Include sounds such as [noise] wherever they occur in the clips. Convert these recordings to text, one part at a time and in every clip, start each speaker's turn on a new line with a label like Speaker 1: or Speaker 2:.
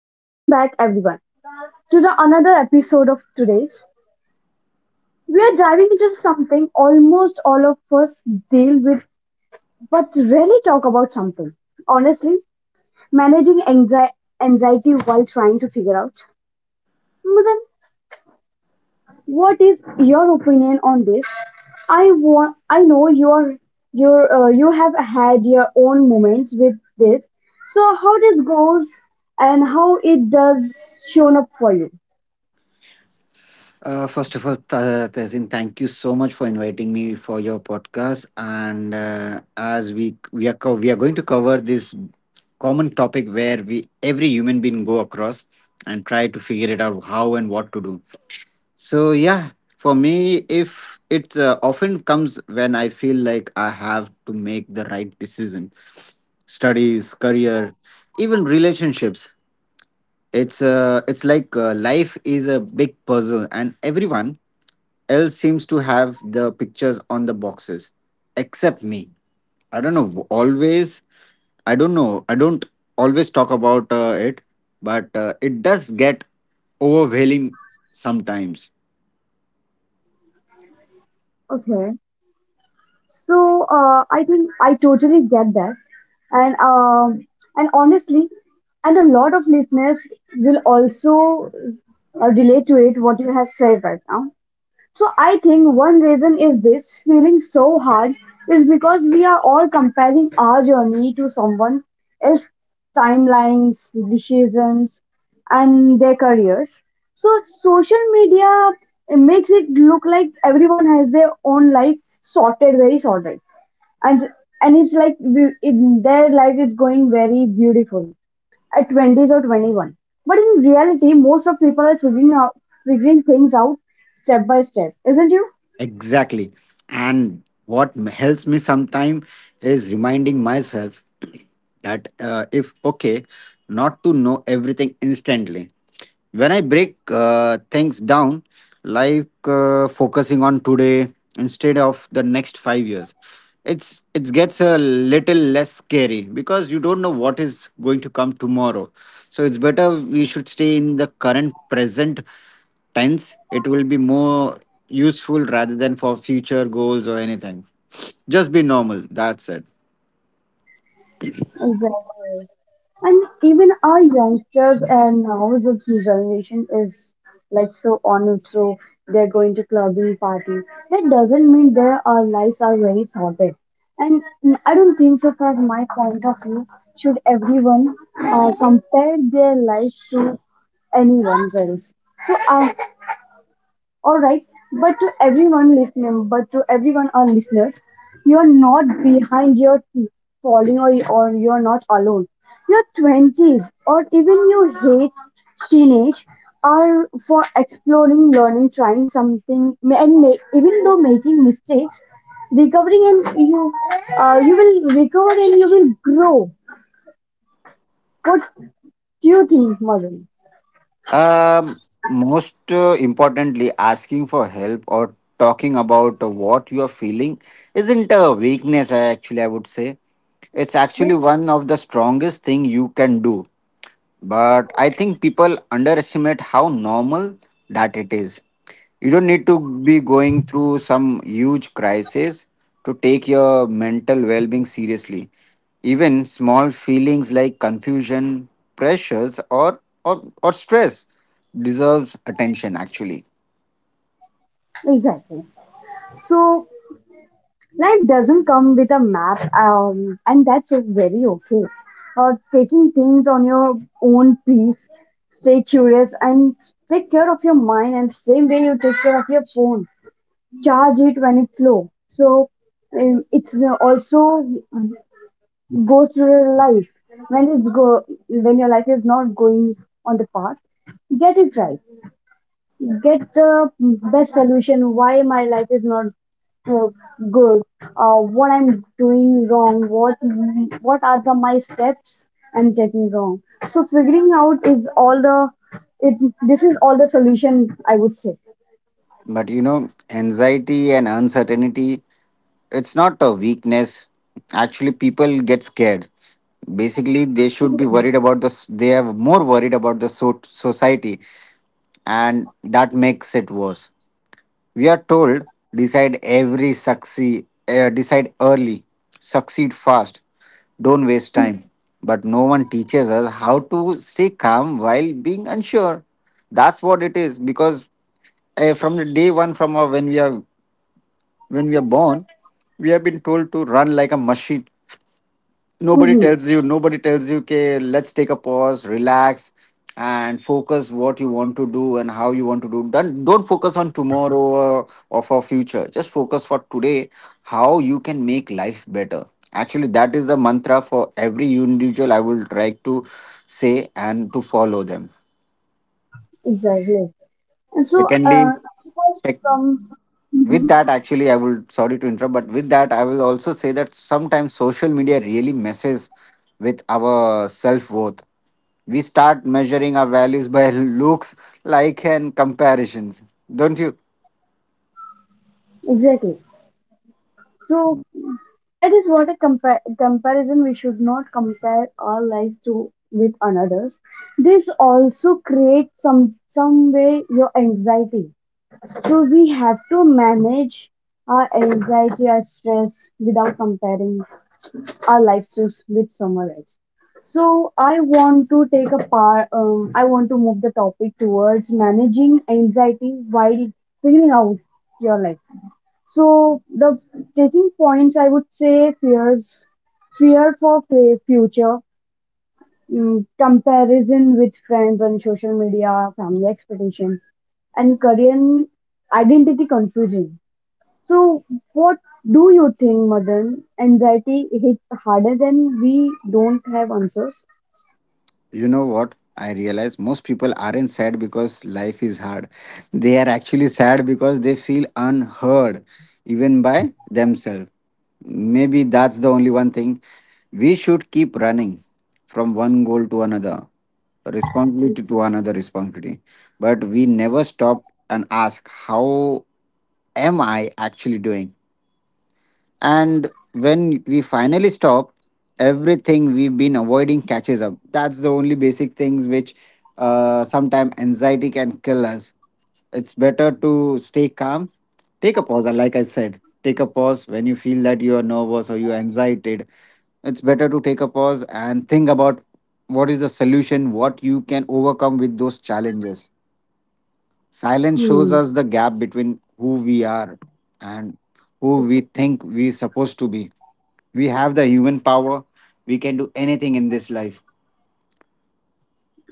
Speaker 1: Welcome back, everyone, to the another episode of today's. We are diving into something almost all of us deal with but rarely talk about something. Honestly, managing anxi- anxiety while trying to figure out. Mudan, what is your opinion on this? I know you are you have had your own moments with this. So how this goes and how it does shown up for
Speaker 2: First of all, Tehsin, thank you so much for inviting me for your podcast. And as we we are going to cover this common topic where we every human being go across and try to figure it out how and what to do. So yeah, for me, if it often comes when I feel like I have to make the right decision, studies, career, even relationships. It's like life is a big puzzle, and everyone else seems to have the pictures on the boxes except me. I don't know always. I don't always talk about it, but it does get overwhelming sometimes.
Speaker 1: you? So I think I totally get that, and um, and honestly, and a lot of listeners will also relate to it what you have said right now. So I think one reason is this feeling so hard is because we are all comparing our journey to someone else's timelines, decisions, and their careers. So social media makes it look like everyone has their own life sorted very sorted, and and in their life it's going very beautiful at 20s or 21, but in reality most of people are figuring things out step by step, isn't you?
Speaker 2: Exactly. And what helps me sometimes is reminding myself [clears throat] that if okay, not to know everything instantly. When I break things down, like focusing on today instead of the next 5 years, it gets a little less scary because you don't know what is going to come tomorrow. So it's better we should stay in the current present tense. It will be more useful rather than for future goals or anything. Just be normal. That's it.
Speaker 1: Exactly. And even our youngsters and now this new generation is like so on it, so they're going to clubbing party. That doesn't mean their our lives are very sorted. And I don't think so from my point of view should everyone compare their lives to anyone's else. So all right, but to everyone our listeners, you're not behind, or you're not alone. Your 20s or even you hate teenage are for exploring, learning, trying something, even though making mistakes, recovering, and you will recover and you will grow. What do you think, Madhuri?
Speaker 2: Um, most importantly, asking for help or talking about what you are feeling isn't a weakness. I Actually, I would say it's actually one of the strongest thing you can do. But I think people underestimate how normal that it is. You don't need to be going through some huge crisis to take your mental well being seriously. Even small feelings like confusion, pressures, or stress deserves attention actually.
Speaker 1: Exactly. So life doesn't come with a map, and that's very okay. Taking things on your own pace, stay curious, and take care of your mind. And same way you take care of your phone, charge it when it's low. So it's also goes through your life when it's go when your life is not going on the path. Get it right. Get the best solution. Why my life is not uh, good, what I'm doing wrong, what are the my steps I'm taking wrong. So figuring out is all the it. This is all the solution, I would say.
Speaker 2: But you know, anxiety and uncertainty, it's not a weakness. Actually, people get scared. Basically, they should be worried about the. They are more worried about the society, and that makes it worse. We are told decide every succeed, decide early, succeed fast, don't waste time.
Speaker 1: Mm-hmm.
Speaker 2: But no one teaches us how to stay calm while being unsure. That's what it is, because from the day one, from our, when we are born, we have been told to run like a machine. Nobody tells you, okay, let's take a pause, relax, and focus what you want to do and how you want to do. Don't focus on tomorrow or for future, just focus for today, how you can make life better. Actually, that is the mantra for every individual. I will try to say and to follow them.
Speaker 1: Exactly. And so,
Speaker 2: Secondly, sec-
Speaker 1: from
Speaker 2: with
Speaker 1: hmm
Speaker 2: that, actually, I will, sorry to interrupt, but with that I will also say that sometimes social media really messes with our self worth. We start measuring our values by [laughs] looks, like, and comparisons. Don't you?
Speaker 1: exactly. So that is what a comparison. We should not compare our life to with another's. This also creates some way your anxiety. So we have to manage our anxiety, our stress, without comparing our life to with someone else. So I want to take a part. I want to move the topic towards managing anxiety while figuring out your life. So the taking points I would say fears, future, comparison with friends on social media, family expectation, and career identity confusion. So, what do you think, Madan? Anxiety hits harder than we don't have answers?
Speaker 2: You know what? I realize most people aren't sad because life is hard. They are actually sad because they feel unheard, even by themselves. Maybe that's the only one thing. We should keep running from one goal to another, responsibility to another responsibility. But we never stop and ask, how am I actually doing? And when we finally stop, everything we've been avoiding catches up. That's the only basic things which, sometimes anxiety can kill us. It's better to stay calm. Take a pause, like I said. Take a pause when you feel that you are nervous or you're anxiety. It's better to take a pause and think about what is the solution, what you can overcome with those challenges. Silence shows
Speaker 1: Hmm.
Speaker 2: us the gap between who we are and who we think we're supposed to be. We have the human power. We can do anything in this life.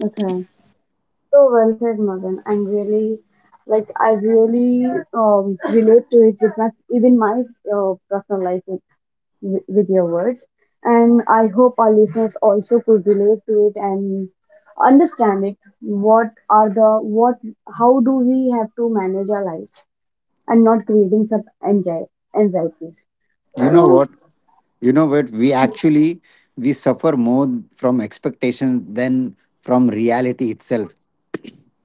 Speaker 1: Okay. So well said, Madan. I'm really I really relate to it with my even my personal life, with your words, and I hope our listeners also could relate to it and understand it. What are the what? How do we have to manage our lives and not creating some anxieties?
Speaker 2: You know
Speaker 1: So,
Speaker 2: what? You know what? We actually we suffer more from expectations than from reality itself.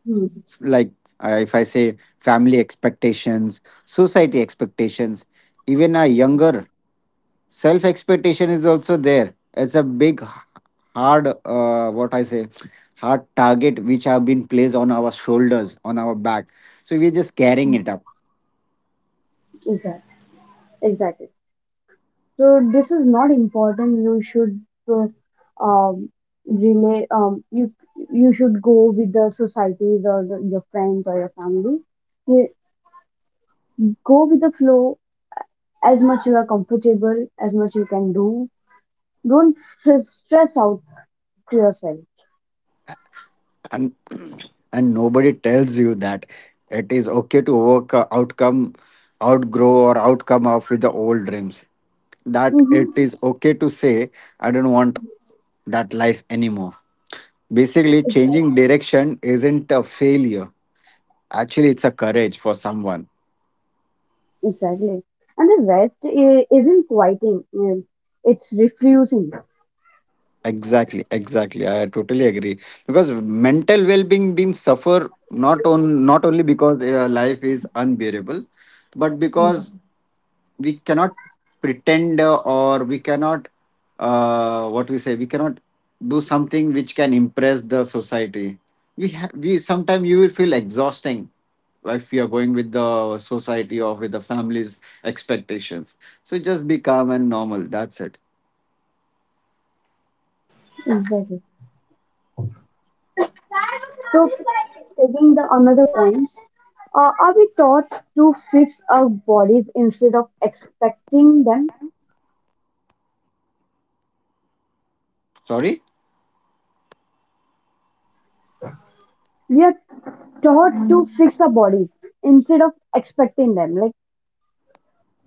Speaker 1: hmm,
Speaker 2: Like if I say family expectations, society expectations, even our younger self expectation is also there. It's a big hard what I say hard target which have been placed on our shoulders, on our back. So we're just carrying it up.
Speaker 1: exactly, exactly. So this is not important. You should uh, um relay you you should go with the societies or the, your friends or your family. You go with the flow as much you are comfortable, as much you can do. Don't stress out to yourself.
Speaker 2: And [clears throat] and nobody tells you that it is okay to work outcome, outgrow or outcome of with the old dreams, that it
Speaker 1: Mm-hmm.
Speaker 2: is okay to say I don't want that life anymore. Basically changing direction isn't a failure. Actually it's a courage for someone.
Speaker 1: Exactly. And the rest isn't quieting. It's refusing.
Speaker 2: Exactly, exactly, I totally agree, because mental well-being being suffer not on not only because life is unbearable, but
Speaker 1: Mhm.
Speaker 2: because we cannot pretend or we cannot what we say we cannot do something which can impress the society. We sometimes, you will feel exhausting if you are going with the society or with the family's expectations. So just be calm and normal, that's it.
Speaker 1: Exactly. So, taking the another point, are we taught to fix our bodies instead of expecting them?
Speaker 2: Sorry.
Speaker 1: We are taught to fix our bodies instead of expecting them. Like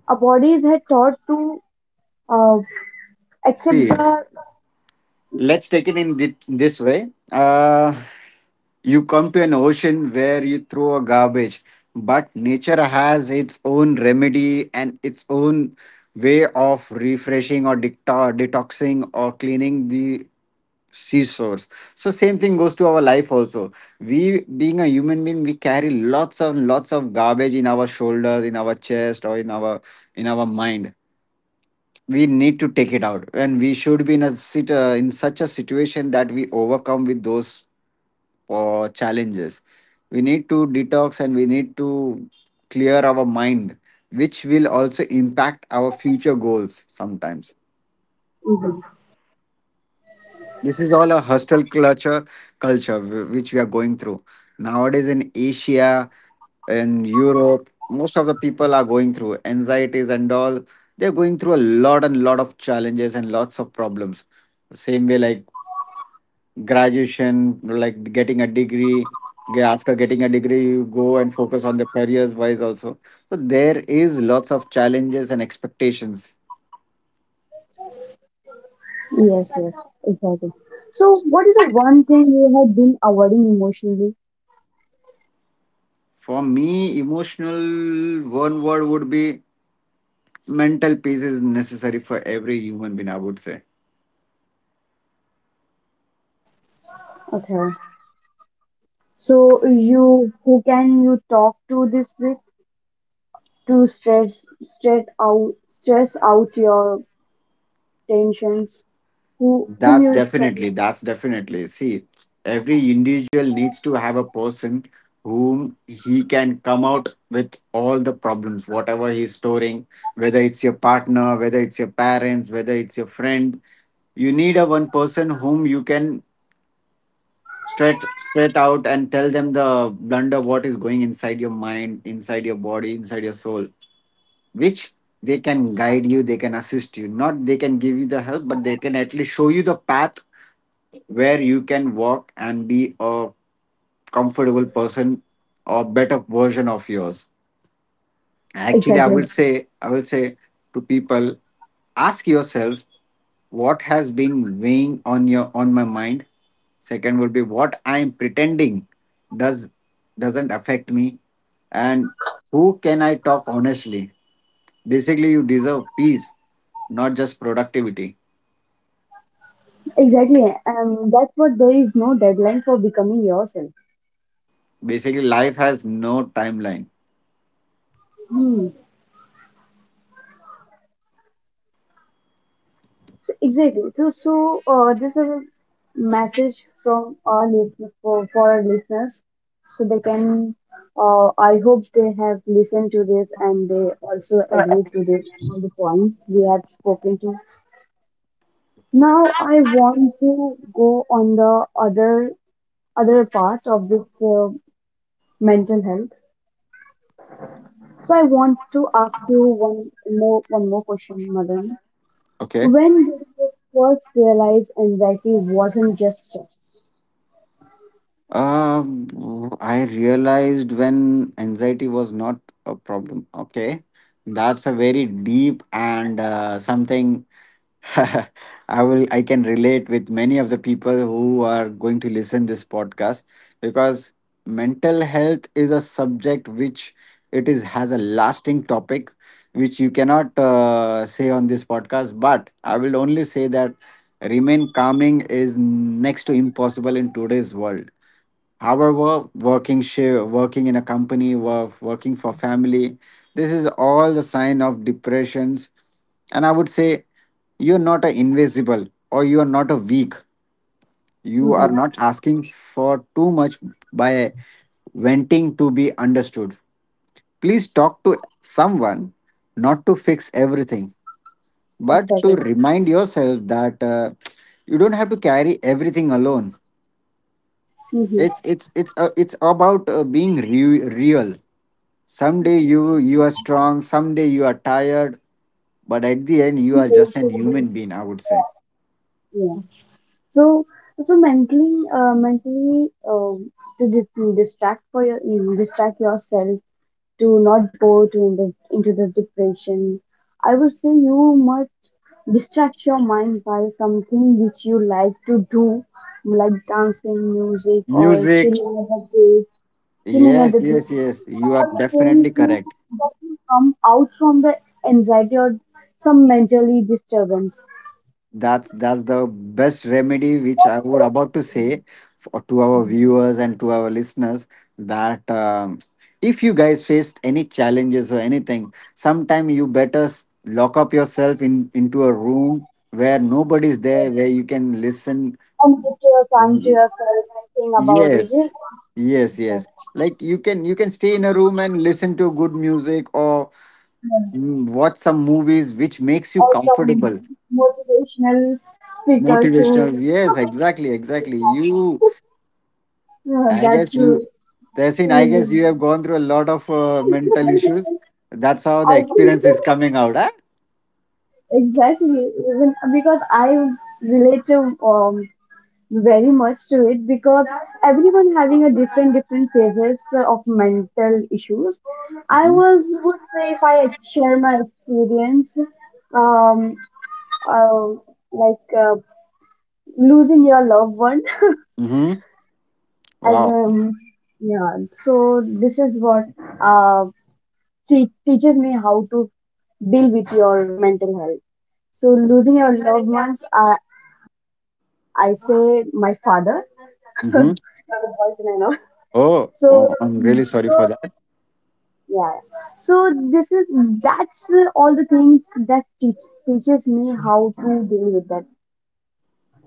Speaker 1: our bodies are taught to uh, accept
Speaker 2: See,
Speaker 1: the.
Speaker 2: let's take it in this way. You come to an ocean where you throw a garbage, but nature has its own remedy and its own way of refreshing or detoxing or cleaning the seashores. So same thing goes to our life also. We being a human being, we carry lots and lots of garbage in our shoulders, in our chest, or in our mind. We need to take it out, and we should be in a sit in such a situation that we overcome with those for challenges. We need to detox and we need to clear our mind, which will also impact our future goals sometimes.
Speaker 1: Mhm.
Speaker 2: This is all a hostile culture, culture which we are going through nowadays in Asia, and Europe. Most of the people are going through anxieties and all. They're going through a lot and lot of challenges and lots of problems. Same way, like graduation, like getting a degree, after getting a degree you go and focus on the careers wise also. So there is lots of challenges and expectations.
Speaker 1: Yes, yes, exactly. So, what is the one thing you have been avoiding emotionally?
Speaker 2: For me, emotional one word would be mental peace is necessary for every human being, I would say.
Speaker 1: Okay. So you who can you talk to this with to stress out stress out your tensions, who whom
Speaker 2: That's
Speaker 1: you from
Speaker 2: definitely, that's definitely. See, every individual needs to have a person whom he can come out with all the problems, whatever he's storing, whether it's your partner, whether it's your parents, whether it's your friend. You need a one person whom you can straight out and tell them the blunder what is going inside your mind, inside your body, inside your soul, which they can guide you, they can assist you. Not they can give you the help, but they can at least show you the path where you can walk and be a comfortable person or better version of yours. Actually,
Speaker 1: exactly,
Speaker 2: I will say to people, ask yourself what has been weighing on your on my mind. Second would be, what I am pretending does doesn't affect me. And who can I talk honestly. Basically, you deserve peace, not just productivity.
Speaker 1: exactly, and that's what there is no deadline for becoming yourself.
Speaker 2: Basically, life has no timeline.
Speaker 1: Hmm. So, exactly so so this is a message from our listeners for our listeners so they can I hope they have listened to this and they also agree to this on the point we have spoken to now. I want to go on the other other parts of this uh, mental health. So I want to ask you one more question, Madan.
Speaker 2: Okay.
Speaker 1: When did you first realize anxiety wasn't just stress?
Speaker 2: I realized when anxiety was not a problem. Okay, that's a very deep and something [laughs] I I can relate with many of the people who are going to listen this podcast, because mental health is a subject which it is has a lasting topic which you cannot say on this podcast. But I will only say that remain calming is next to impossible in today's world. However, working share, working in a company, working for family, this is all the sign of depressions. And I would say you're not a invisible or you are not a weak. You are
Speaker 1: Mm-hmm.
Speaker 2: not asking for too much by wanting to be understood. Please talk to someone, not to fix everything, but to
Speaker 1: Aesthetic.
Speaker 2: remind yourself that you don't have to carry everything alone.
Speaker 1: Mm-hmm.
Speaker 2: It's about being real. Someday you are strong, someday you are tired, but at the end you are just an human being, I would say.
Speaker 1: Yeah. So so mentally to distract for your you distract yourself to not go to in the, into the depression. I would say you must distract your mind by something which you like to do, like dancing, music, or
Speaker 2: Music.
Speaker 1: chilling at the day, chilling at
Speaker 2: Yes,
Speaker 1: the
Speaker 2: yes,
Speaker 1: beach.
Speaker 2: yes. You are
Speaker 1: All the things
Speaker 2: definitely
Speaker 1: you,
Speaker 2: correct.
Speaker 1: that you come out from the anxiety or some mentally disturbance.
Speaker 2: That's the best remedy which I would about to say for, to our viewers and to our listeners that if you guys faced any challenges or anything, sometime you better lock up yourself in into a room where nobody's there, where you can listen.
Speaker 1: And give your time to yourself and think about it.
Speaker 2: Yes, yes, yes. Like you can stay in a room and listen to good music or watch some movies which makes you
Speaker 1: Or some
Speaker 2: comfortable.
Speaker 1: motivational speakers who
Speaker 2: Motivational. Yes, exactly, exactly. You,
Speaker 1: [laughs] yeah,
Speaker 2: I
Speaker 1: that's
Speaker 2: guess
Speaker 1: true.
Speaker 2: you, Tehsin, I guess you
Speaker 1: Really.
Speaker 2: have gone through a lot of mental issues. That's how the
Speaker 1: I think
Speaker 2: experience is coming out. Huh?
Speaker 1: exactly even because I relate to um very much to it because everyone having a different phases of mental issues. I
Speaker 2: Mm-hmm.
Speaker 1: was would say if I share my experience, um, uh, like uh, losing your loved one
Speaker 2: Mm-hmm.
Speaker 1: as
Speaker 2: Wow.
Speaker 1: Yeah, so this is what uh teaches me how to deal with your mental health. So losing your loved ones, I say my father, [laughs]
Speaker 2: Mm-hmm.
Speaker 1: not a boyfriend, I know.
Speaker 2: Oh,
Speaker 1: So
Speaker 2: oh, I'm really sorry
Speaker 1: so
Speaker 2: for that.
Speaker 1: yeah, so this is that's all the things that teaches me how to deal with that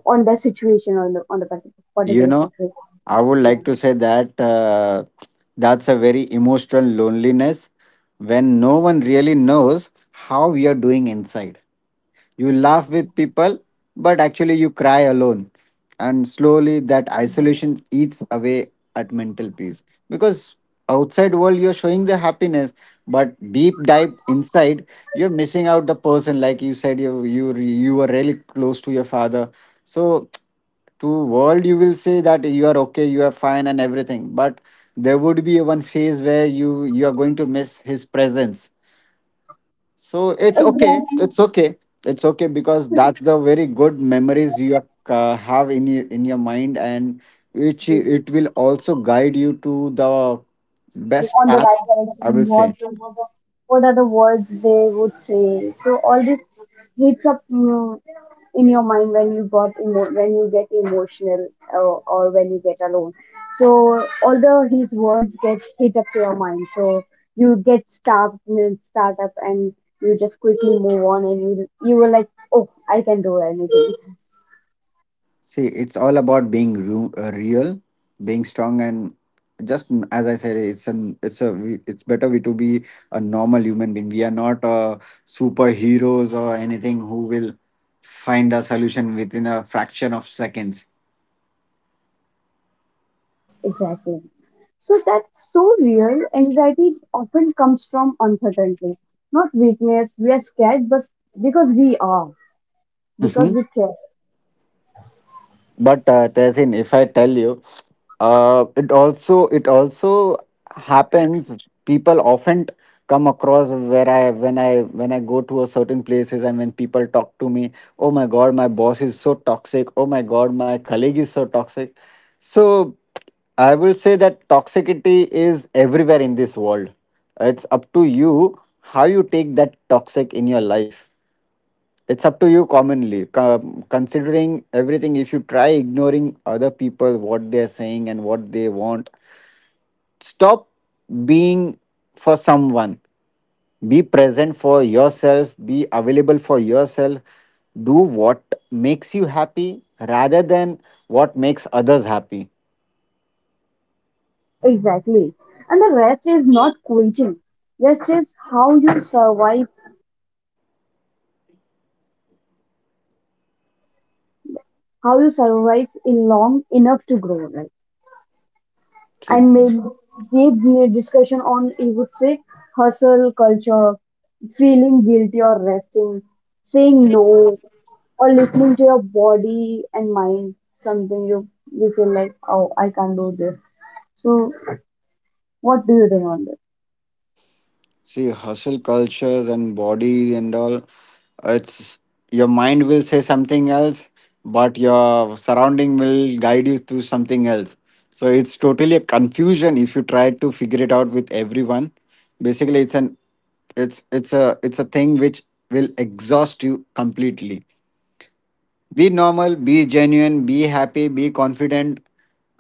Speaker 1: on that situation, on the
Speaker 2: You
Speaker 1: particular
Speaker 2: know.
Speaker 1: situation.
Speaker 2: I would like to say that that's a very emotional loneliness when no one really knows how we are doing inside. You laugh with people, but actually you cry alone. And slowly that isolation eats away at mental peace. Because outside world you're showing the happiness, but deep dive inside you're missing out the person. Like you said, you were really close to your father, so to world you will say that you are okay, you are fine and everything, but there would be one phase where you are going to miss his presence. So
Speaker 1: Yeah,
Speaker 2: it's okay,
Speaker 1: exactly.
Speaker 2: it's okay, it's okay, because that's the very good memories you have in in your mind, and which it will also guide you to the best
Speaker 1: On the
Speaker 2: path,
Speaker 1: right
Speaker 2: I
Speaker 1: direction,
Speaker 2: will say.
Speaker 1: what are the words they would say. So all this hits up, in your mind when you when you get emotional or when you get alone. So all the his words get hit up to your mind. So you get stuck, start up, and you just quickly move on, and you were like, oh, I can do anything.
Speaker 2: See, it's all about being real, being strong, and just as I said, it's an it's a we- it's better we to be a normal human being. We are not superheroes or anything who will find a solution within a fraction of seconds.
Speaker 1: Exactly. So that's so real. Anxiety often comes from uncertainty, not weakness. We are scared, but because we are, because we
Speaker 2: [laughs]
Speaker 1: care.
Speaker 2: But Tehsin, if I tell you, it also happens. People often come across where I when I when I go to a certain places and when people talk to me, oh my god, my boss is so toxic. Oh my god, my colleague is so toxic. So I will say that toxicity is everywhere in this world. It's up to you how you take that toxic in your life. It's up to you, commonly, considering everything, if you try ignoring other people, what they're saying and what they want. Stop being for someone, be present for yourself, be available for yourself. Do what makes you happy rather than what makes others happy.
Speaker 1: Exactly. And the rest is not quitting. Rest is how you survive in long enough to grow, right?
Speaker 2: See,
Speaker 1: And made gave me a discussion on, you would say, hustle culture, feeling guilty or resting, saying no, or listening to your body and mind. Something you feel like, oh, I can't do this. So, what do you think on this?
Speaker 2: See, hustle cultures and body and all, it's your mind will say something else, but your surrounding will guide you to something else. So it's totally a confusion if you try to figure it out with everyone. Basically, it's an it's a thing which will exhaust you completely. Be normal, be genuine, be happy, be confident,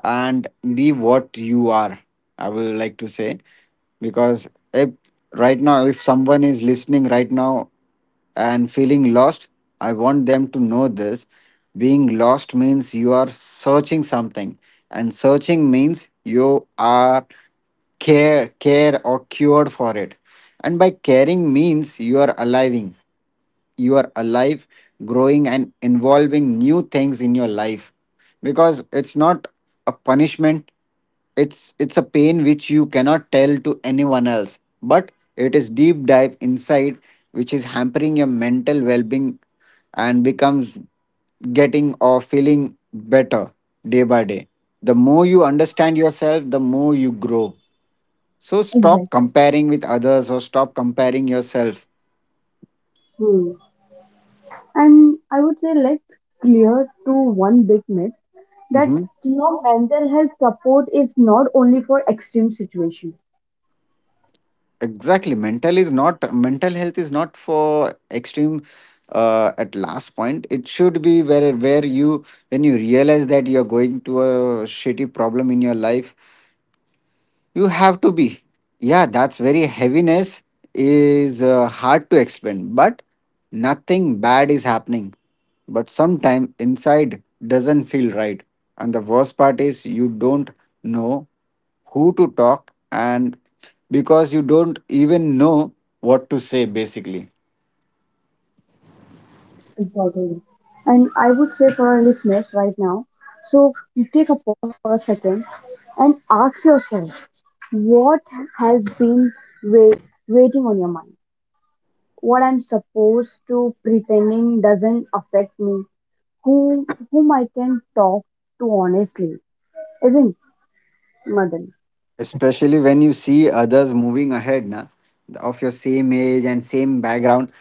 Speaker 2: and be what you are. I will like to say, because if right now, if someone is listening right now and feeling lost, I want them to know this. Being lost means you are searching something, and searching means you are care or cured for it, and by caring means you are aliving you are alive, growing, and involving new things in your life. Because it's not a punishment, it's a pain which you cannot tell to anyone else. But it is deep dive inside, which is hampering your mental well-being and becomes getting or feeling better day by day. The more you understand yourself, the more you grow. So stop
Speaker 1: Exactly.
Speaker 2: comparing with others or stop comparing yourself.
Speaker 1: Hmm. And I would say let's clear to one big myth that
Speaker 2: Mhm.
Speaker 1: your mental health support is not only for extreme situations.
Speaker 2: Exactly, mental health is not for extreme, at last point it should be where you, when you realize that you're going to a shitty problem in your life, you have to be. Yeah, that's very heaviness is hard to explain, but nothing bad is happening, but sometime inside doesn't feel right, and the worst part is you don't know who to talk, and because you don't even know what to say, basically.
Speaker 1: Exactly. And I would say for our listeners right now, so you take a pause for a second and ask yourself what has been wait, waiting on your mind. What I'm supposed to pretending doesn't affect me. Whom Whom I can talk to honestly, isn't it, Madan?
Speaker 2: Especially when you see others moving ahead na, of your same age and same background,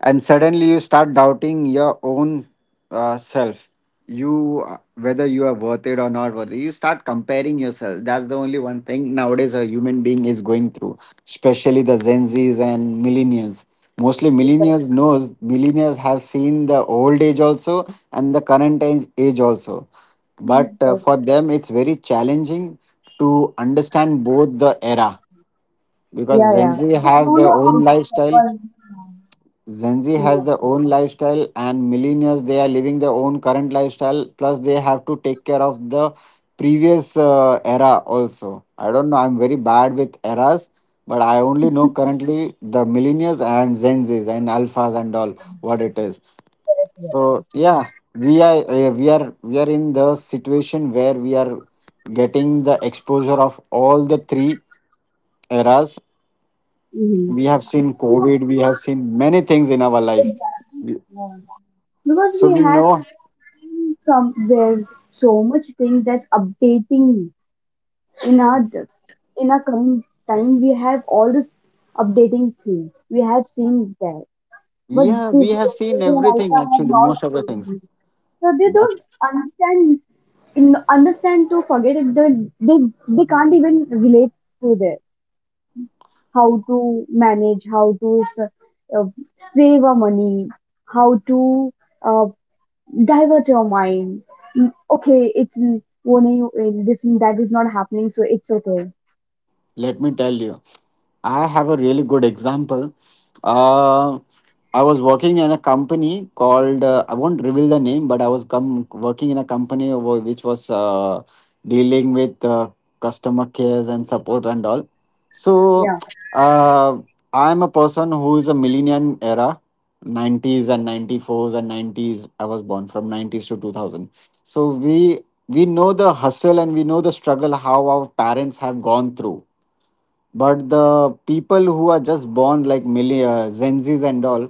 Speaker 2: and suddenly you start doubting your own self. You whether you are worth it or not worth it, you start comparing yourself. That's the only one thing nowadays a human being is going through, especially the gen z's and millennials. Mostly
Speaker 1: Exactly.
Speaker 2: millennials knows, millennials have seen the old age also, and the current age also, but for them it's very challenging to understand both the era, because
Speaker 1: Yeah,
Speaker 2: Gen
Speaker 1: yeah.
Speaker 2: Z
Speaker 1: They
Speaker 2: has
Speaker 1: don't
Speaker 2: their
Speaker 1: know how
Speaker 2: own
Speaker 1: to
Speaker 2: lifestyle.
Speaker 1: suffer.
Speaker 2: Gen Z has
Speaker 1: Yeah.
Speaker 2: their own lifestyle, and millennials they are living their own current lifestyle. Plus, they have to take care of the previous era also. I don't know. I'm very bad with eras, but I only know currently the millennials and Gen Zs and alphas and all what it is. So yeah, we are in the situation where we are getting the exposure of all the three eras. We have seen COVID, we have seen many things in our life. We-
Speaker 1: Hmm, because
Speaker 2: So
Speaker 1: we
Speaker 2: we
Speaker 1: have
Speaker 2: know,
Speaker 1: so from there so much thing that's updating in our in our coming time we have all this updating thing we have seen there. But
Speaker 2: yeah, we
Speaker 1: this
Speaker 2: have seen
Speaker 1: generation and
Speaker 2: everything
Speaker 1: alpha have
Speaker 2: actually,
Speaker 1: not
Speaker 2: most of the
Speaker 1: seen
Speaker 2: things.
Speaker 1: this. So they don't
Speaker 2: That's.
Speaker 1: understand in, understand to forget it they, they they can't even relate to their how to manage how to uh, save our money, how to uh, divert your mind. Mm, okay, it's one in this and that is not happening, so it's okay.
Speaker 2: Let me tell you, I have a really good example. Uh, I was working in a company called, I won't reveal the name, but I was working in a company which was dealing with customer cares and support and all. So
Speaker 1: Yeah.
Speaker 2: uh, I'm a person who is a millennium era, 90s and 94s and 90s. I was born from 90s to 2000. So we know the hustle and we know the struggle how our parents have gone through, but the people who are just born like millionaire zenzis and all,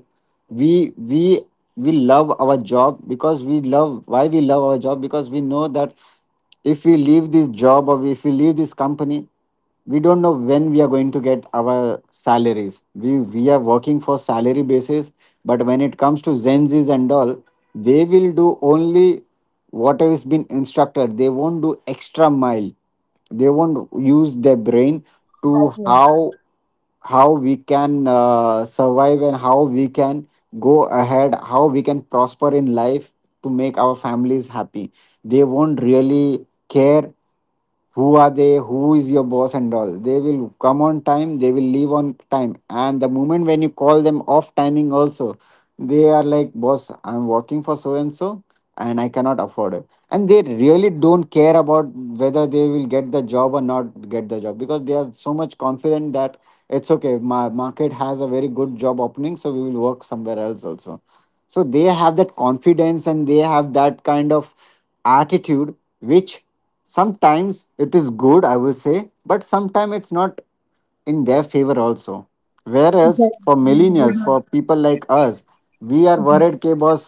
Speaker 2: we we we love our job, because we love, why we love our job, because we know that if we leave this job or if we leave this company, we don't know when we are going to get our salaries. We are working for salary basis, but when it comes to zenzis and all, they will do only whatever has been instructed. They won't do extra mile, they won't use their brain to
Speaker 1: Okay.
Speaker 2: how we can survive and how we can go ahead, how we can prosper in life to make our families happy. They won't really care who are they, who is your boss and all. They will come on time, they will leave on time, and the moment when you call them off timing also, they are like, boss, I'm working for so and so, and I cannot afford it. And they really don't care about whether they will get the job or not get the job, because they are so much confident that it's okay, my market has a very good job opening, so we will work somewhere else also. So they have that confidence and they have that kind of attitude which sometimes it is good, I will say, but sometimes it's not in their favor also. Whereas
Speaker 1: Exactly.
Speaker 2: for millennials, for people like us, we are
Speaker 1: Mhm.
Speaker 2: worried, okay boss,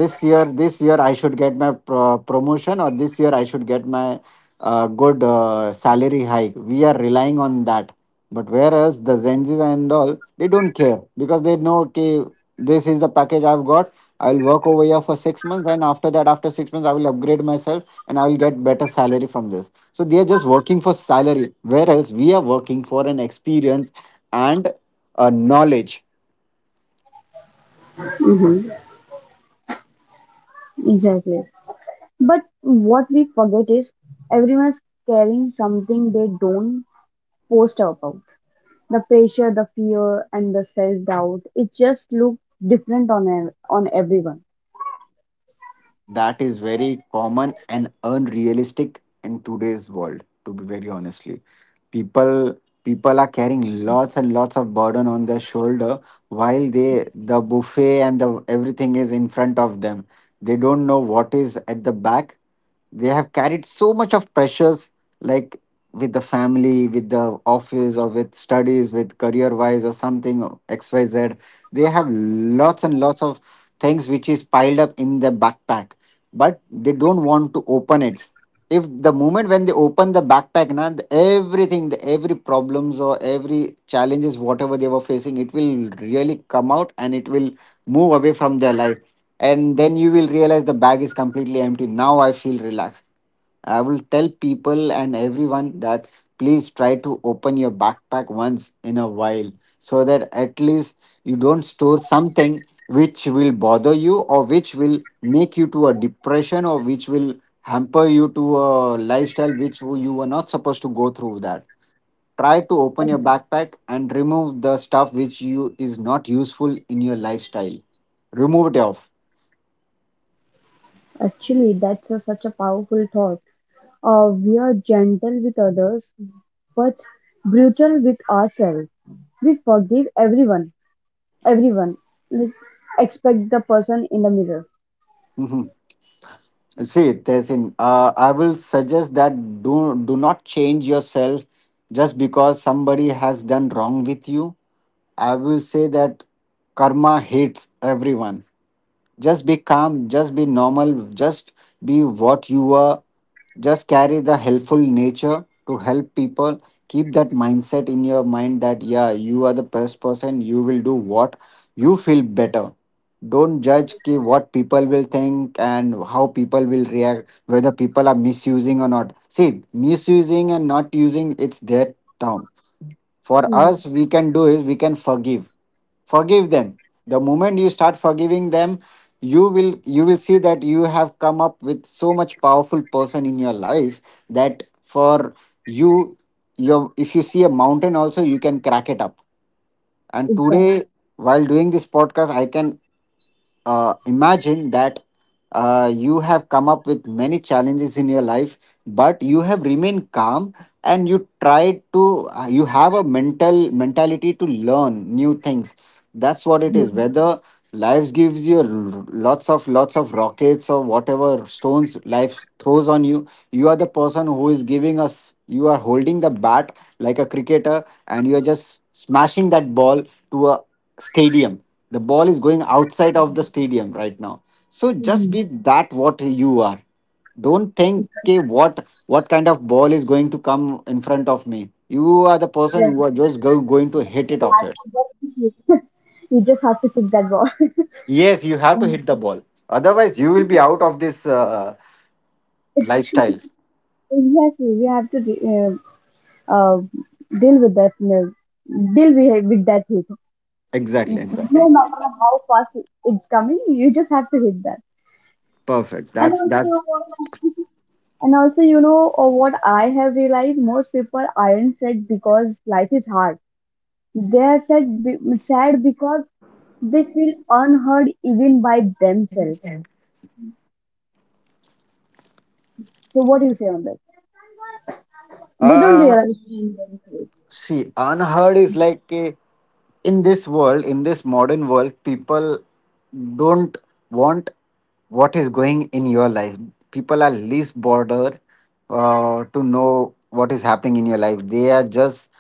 Speaker 2: this year I should get my promotion, or this year I should get my good salary hike. We are relying on that. But whereas the zenzi's and all, they don't care, because they know, okay, this is the package I've got, I'll work over here for 6 months, and after that, after 6 months, I will upgrade myself and I will get better salary from this. So they are just working for salary, whereas we are working for an experience and a knowledge.
Speaker 1: Mm-hmm. Exactly. But what we forget is everyone is carrying something they don't post about. The pressure, the fear, and the self doubt. It just looks different on on everyone.
Speaker 2: That is very common and unrealistic in today's world, to be very honestly. People People are carrying lots and lots of burden on their shoulder, while they the buffet and the everything is in front of them. They don't know what is at the back. They have carried so much of pressures, like with the family, with the office or with studies, with career wise or something XYZ. They have lots and lots of things which is piled up in their backpack, but they don't want to open it. If the moment when they open the backpack na, everything, the every problems or every challenges whatever they were facing, it will really come out and it will move away from their life, and then you will realize the bag is completely empty, now I feel relaxed. I will tell people and everyone that please try to open your backpack once in a while, so that at least you don't store something which will bother you or which will make you to a depression or which will hamper you to a lifestyle which you were not supposed to go through that. Try to open your backpack and remove the stuff which you is not useful in your lifestyle. Remove it off.
Speaker 1: Actually, that's a, such a powerful thought. We are gentle with others, but brutal with ourselves. We forgive everyone, everyone, like, expect the person in the mirror.
Speaker 2: [laughs] See, Tehsin, I will suggest that do not change yourself just because somebody has done wrong with you. I will say that karma hates everyone. Just be calm, just be normal, just be what you are. Just carry the helpful nature to help people. Keep that mindset in your mind that yeah, you are the best person, you will do what you feel better. Don't judge ki what people will think and how people will react, whether people are misusing or not. See, misusing and not using, it's their term. For
Speaker 1: Hmm.
Speaker 2: us, we can do is we can forgive. Forgive them. The moment you start forgiving them, you will see that you have come up with so much powerful person in your life, that for you, your, if you see a mountain also, you can crack it up. And
Speaker 1: Exactly.
Speaker 2: today while doing this podcast, I can imagine that you have come up with many challenges in your life, but you have remained calm, and you tried to you have a mental mentality to learn new things. That's what it is, whether life gives you lots of rockets or whatever stones life throws on you, you are the person who is giving us, you are holding the bat like a cricketer, and you're just smashing that ball to a stadium. The ball is going outside of the stadium right now. So just
Speaker 1: Hmm.
Speaker 2: be that what you are. Don't think, "Okay, what kind of ball is going to come in front of me." You are the person who
Speaker 1: Exactly.
Speaker 2: are just going to hit it
Speaker 1: You
Speaker 2: off
Speaker 1: have
Speaker 2: it.
Speaker 1: to work to keep it. [laughs] You just have to kick that ball.
Speaker 2: Yes, you have to hit the
Speaker 1: Um,
Speaker 2: ball. Otherwise, you will be out of this lifestyle.
Speaker 1: [laughs] exactly. We have to uh, deal with that. Uh, deal with that hit.
Speaker 2: Exactly, exactly.
Speaker 1: No matter how fast it's coming, you just have to hit that.
Speaker 2: Perfect.
Speaker 1: And
Speaker 2: That's
Speaker 1: also, [laughs]
Speaker 2: that's.
Speaker 1: you know, and also, what I have realized: most people aren't sad because life is hard. They are sad, sad because they feel unheard even by themselves. So what do you say on that? They don't
Speaker 2: Uh,
Speaker 1: realize.
Speaker 2: See, unheard is like a, in this world, in this modern world, people don't want what is going in your life. People are least bothered to know what is happening in your life. They are just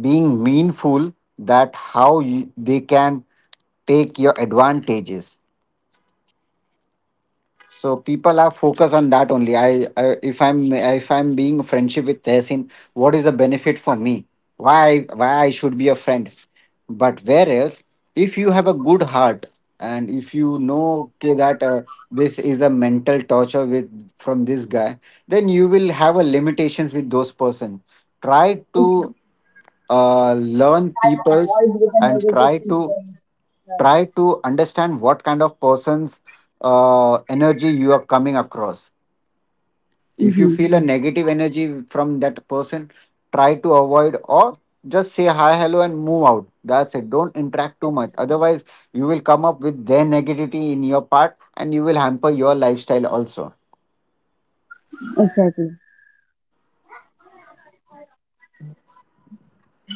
Speaker 2: being meanful that how you, they can take your advantages, so people are focused on that only. I if I'm being friendship with Tehsin, what is the benefit for me? Why I should be a friend? But whereas if you have a good heart, and if you know okay, that this is a mental torture with from this guy, then you will have a limitations with those person. Try to learn people's and try to understand what kind of person's energy you are coming across. If you
Speaker 1: Hmm.
Speaker 2: feel a negative energy from that person, try to avoid or just say hi hello and move out. That's it. Don't interact too much, otherwise you will come up with their negativity in your part and you will hamper your lifestyle also.
Speaker 1: Exactly.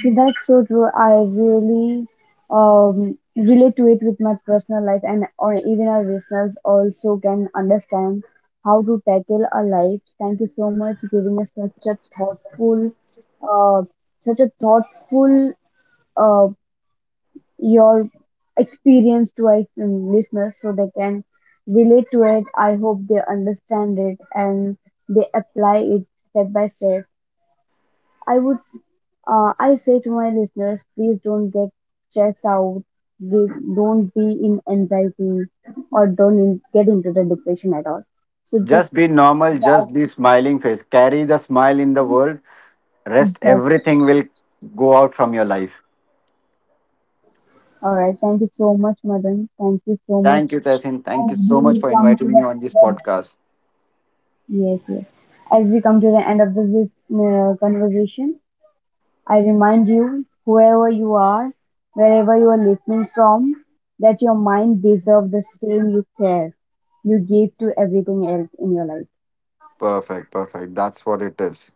Speaker 1: So that's so true. I really relate to it with my personal life, and or even our listeners also can understand how to tackle our life. Thank you so much giving us uh, such a thoughtful uh, your experience to our listeners so they can relate to it. I hope they understand it and they apply it step by step. I would, I say to my listeners, please don't get stressed out. Give, don't be in anxiety or don't in, get into the depression at all. So just
Speaker 2: Just be normal,
Speaker 1: dive
Speaker 2: just be smiling face, carry the smile in the world,
Speaker 1: in
Speaker 2: rest
Speaker 1: process.
Speaker 2: everything will go out from your life.
Speaker 1: All right. Thank you so much, Madan. Thank you so much.
Speaker 2: Thank you, Tasin. Thank you
Speaker 1: As
Speaker 2: so much
Speaker 1: we
Speaker 2: for
Speaker 1: come to
Speaker 2: inviting me
Speaker 1: the
Speaker 2: on this
Speaker 1: end of
Speaker 2: podcast.
Speaker 1: yes, yes. As we come to the end of this conversation, I remind you, whoever you are, wherever you are listening from, that your mind deserves the same you care, you give to everything else in your life.
Speaker 2: Perfect, perfect. That's what it is.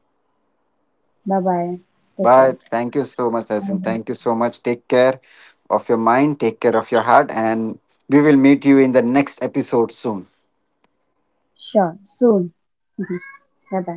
Speaker 1: Bye bye. Take care.
Speaker 2: But thank you so much, Tasin. Thank you so much. Take care of your mind, take care of your heart, and we will meet you in the next episode soon.
Speaker 1: Sure. Soon. [laughs] Bye bye.